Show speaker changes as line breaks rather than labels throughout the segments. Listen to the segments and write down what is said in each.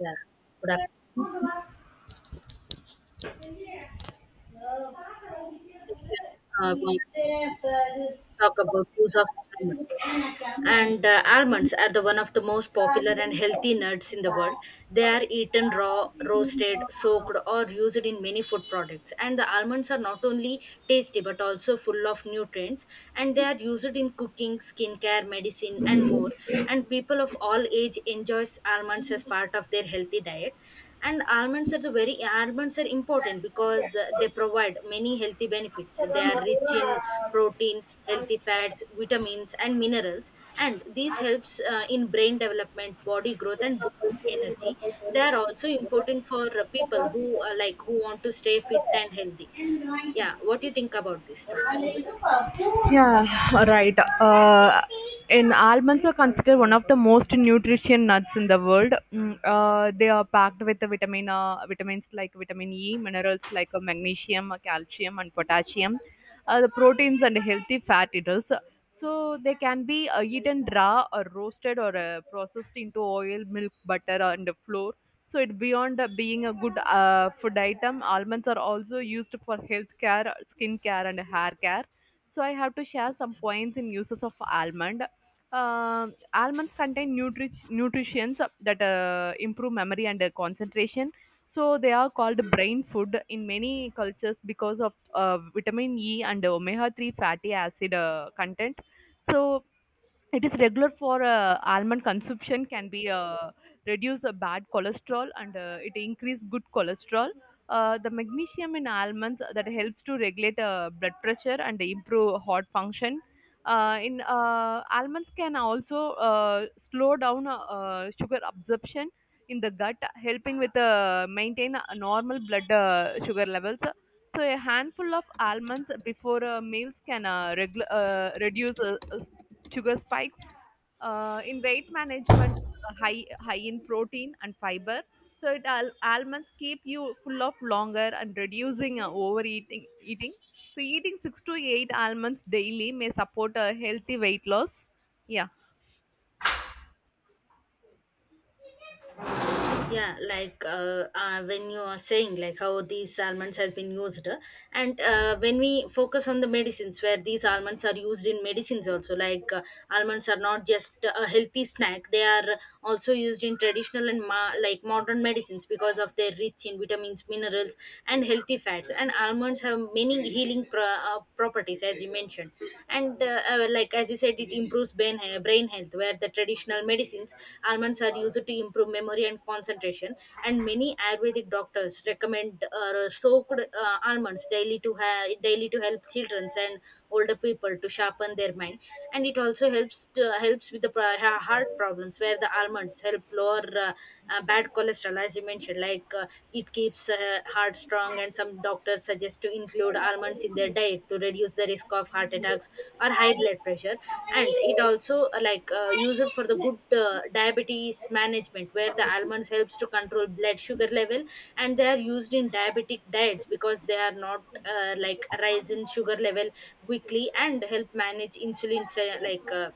Yeah, good afternoon. This session, we have to talk about use of almond. And almonds are the one of the most popular and healthy nuts in the world. They are eaten raw, roasted, soaked, or used in many food products. And the almonds are not only tasty but also full of nutrients. And they are used in cooking, skincare, medicine, and more. And people of all age enjoys almonds as part of their healthy diet, and almonds are important because they provide many healthy benefits. They are rich in protein, healthy fats, vitamins, and minerals, and this helps in brain development, body growth, and boosting energy. They are also important for people who like who want to stay fit and healthy. Yeah, what do you think about this topic?
Yeah, right. Uh, and almonds are considered one of the most nutrition nuts in the world. They are packed with the vitamins like vitamin E, minerals like magnesium, calcium, and potassium, the proteins and healthy fatty acids. So they can be eaten raw or roasted or processed into oil, milk, butter, and flour. So it beyond being a good food item, almonds are also used for health care, skin care, and hair care, so I have to share some points in uses of almond. Almonds contain nutrients that improve memory and concentration. So they are called brain food in many cultures because of vitamin E and omega-3 fatty acid content. So it is regular for almond consumption can be reduce bad cholesterol, and it increase good cholesterol. The magnesium in almonds that helps to regulate blood pressure and improve heart function. In Almonds can also slow down sugar absorption in the gut, helping with maintain a normal blood sugar levels. So a handful of almonds before meals can reduce sugar spikes. In weight management, high in protein and fiber. So almonds keep you full of longer and reducing overeating eating. So eating six to eight almonds daily may support a healthy weight loss. Yeah.
Yeah, like when you are saying like how these almonds has been used, and when we focus on the medicines where these almonds are used in medicines also, like almonds are not just a healthy snack, they are also used in traditional and like modern medicines because of their rich in vitamins, minerals, and healthy fats. And almonds have many healing properties exercise as you mentioned. And like as you said, it improves brain, brain health. Where the traditional medicines, almonds are used to improve memory and concentration, and many ayurvedic doctors recommend soaked almonds daily to help children and older people to sharpen their mind. And it also helps with the heart problems, where the almonds help lower bad cholesterol as you mentioned. Like it keeps heart strong, and some doctors suggest to include almonds in their diet to reduce the risk of heart attacks or high blood pressure. And it also like used for the good diabetes management, where the almonds helps to control blood sugar level, and they are used in diabetic diets because they are not like rise in sugar level quickly, and help manage insulin, like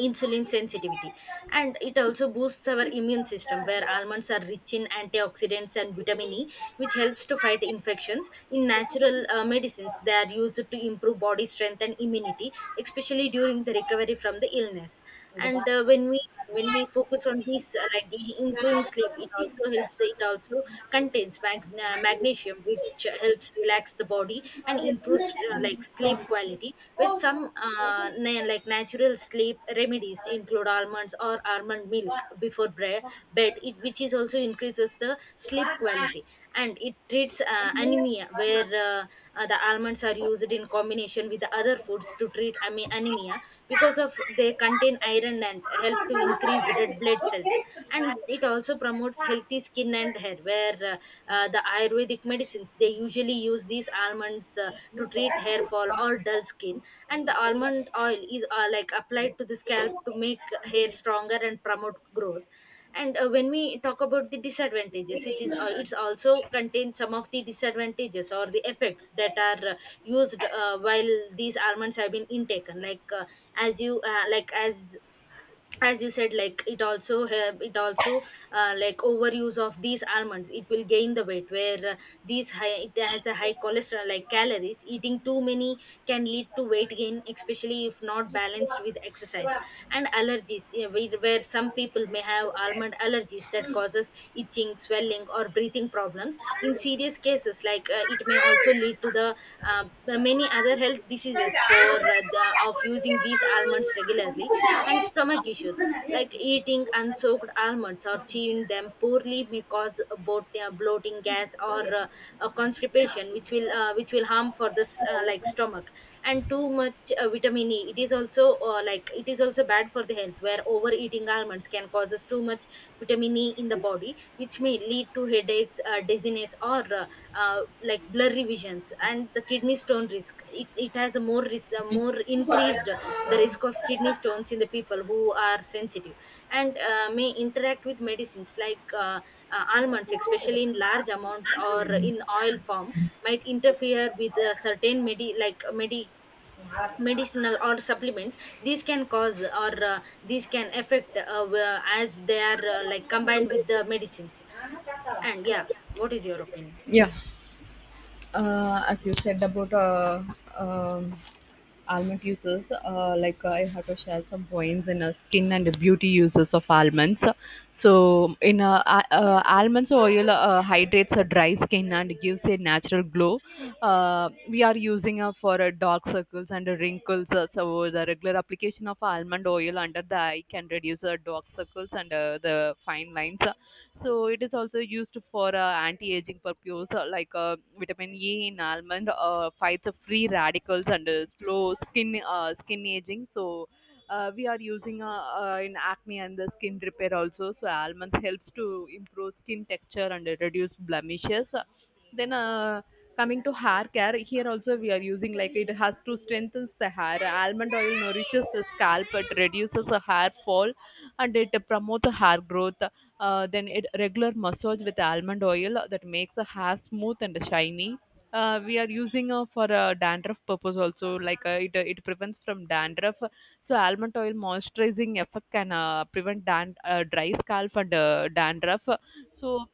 insulin sensitivity. And it also boosts our immune system, where almonds are rich in antioxidants and vitamin E, which helps to fight infections. In natural medicines, they are used to improve body strength and immunity, especially during the recovery from the illness. And when we focus on this, like the improving sleep, it also helps, it also contains magnesium, which helps relax the body and improves like sleep quality, where some like natural sleep remedies include almonds or almond milk before bed it, which is also increases the sleep quality. And it treats anemia, where the almonds are used in combination with the other foods to treat anemia, because of they contain iron and help to increase red blood cells. And it also promotes healthy skin and hair, where the ayurvedic medicines, they usually use these almonds to treat hair fall or dull skin, and the almond oil is like applied to the scalp to make hair stronger and promote growth. And when we talk about the disadvantages, it is it's also contains some of the disadvantages or the effects that are used while these almonds have been intaken. Like as you like as you said, like it also help, it also like overuse of these almonds, it will gain the weight, where these high, it has a high cholesterol like calories, eating too many can lead to weight gain, especially if not balanced with exercise. And allergies, yeah, where some people may have almond allergies that causes itching, swelling, or breathing problems in serious cases. Like it may also lead to the uh, many other health diseases for of using these almonds regularly. And stomach issues, like eating unsoaked almonds or chewing them poorly may cause both bloating, gas, or constipation, which will harm for this like stomach. And too much vitamin E, it is also like it is also bad for the health, where overeating almonds can causes too much vitamin E in the body, which may lead to headaches, dizziness, or like blurry visions, and the kidney stone risk. It has a more risk, more increased the risk of kidney stones in the people who are sensitive. And may interact with medicines, like almonds, especially in large amount or in oil form, might interfere with certain medicinal or supplements. These can cause, or these can affect as they are like combined with the medicines. And yeah, what is your opinion?
Yeah, as you said about um almond uses, like I have to share some points in skin and beauty uses of almonds, so in almonds oil hydrates a dry skin and gives a natural glow. We are using for dark circles and wrinkles, so the regular application of almond oil under the eye can reduce dark circles and the fine lines. So it is also used for anti-aging purpose, vitamin E in almond fights free radicals and slow skin aging. So we are using in acne and the skin repair also. So almonds helps to improve skin texture and reduce blemishes. Then Coming to hair care, here also we are using like it has to strengthen the hair. Almond oil nourishes the scalp, it reduces the hair fall, and it promotes the hair growth. Then it regular massage with almond oil that makes the hair smooth and shiny. We are using for dandruff purpose also, it prevents from dandruff, so almond oil moisturizing effect can prevent dry scalp and dandruff. So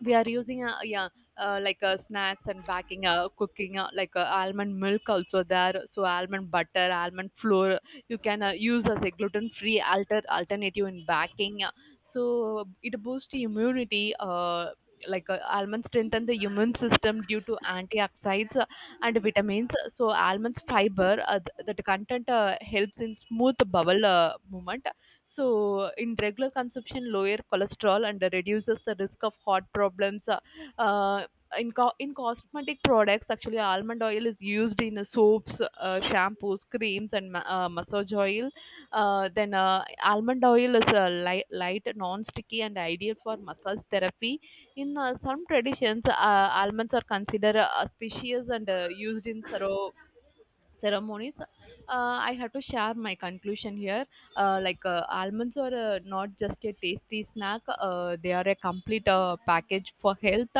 we are using snacks and baking, cooking, almond milk also there, so almond butter, almond flour, you can use as a gluten free alternative in baking. So it boosts the immunity, almonds strengthen the immune system due to antioxidants and vitamins, so almonds fiber that content helps in smooth bowel movement. So, in regular consumption, lower cholesterol and reduces the risk of heart problems. Uh, in cosmetic products, actually, almond oil is used in soaps, shampoos, creams, and massage oil. Almond oil is light, non sticky, and ideal for massage therapy. In some traditions, almonds are considered auspicious and used in sero ceremonies. I have to share my conclusion here. Almonds are not just a tasty snack, they are a complete package for health,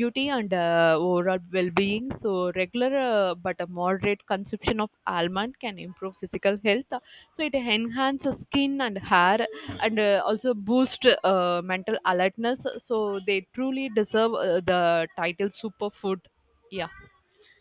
beauty, and overall well-being, so regular but a moderate consumption of almond can improve physical health, so it enhances skin and hair, and also boost mental alertness, so they truly deserve the title superfood. Yeah.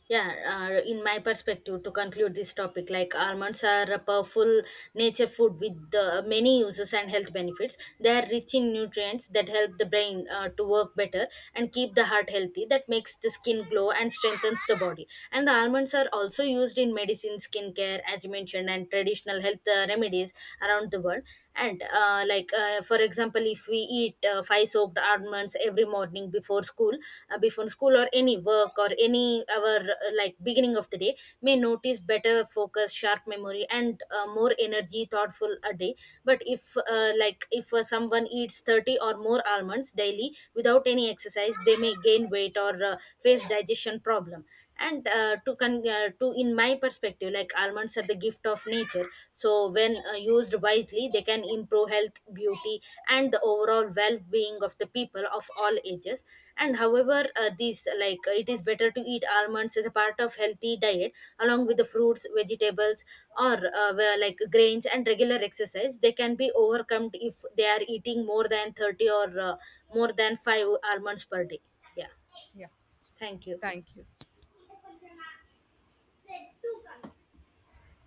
Yeah, in my perspective, to conclude this topic, like almonds are a powerful nature food with many uses and health benefits. They are rich in nutrients that help the brain to work better and keep the heart healthy, that makes the skin glow and strengthens the body. And the almonds are also used in medicine, skincare, as you mentioned, and traditional health remedies around the world. And like for example, if we eat five soaked almonds every morning before school, before school or any work or any our, like beginning of the day, may notice better focus, sharp memory, and more energy thoughtful a day. But if like if someone eats 30 or more almonds daily without any exercise, they may gain weight or face digestion problem. And to in my perspective, like almonds are the gift of nature, so when used wisely, they can improve health, beauty, and the overall well-being of the people of all ages. And however, these like it is better to eat almonds as a part of healthy diet along with the fruits, vegetables, or like grains, and regular exercise. They can be overcome if they are eating more than 30 or more than 5 almonds per day. Yeah,
Yeah,
thank you.
thank you.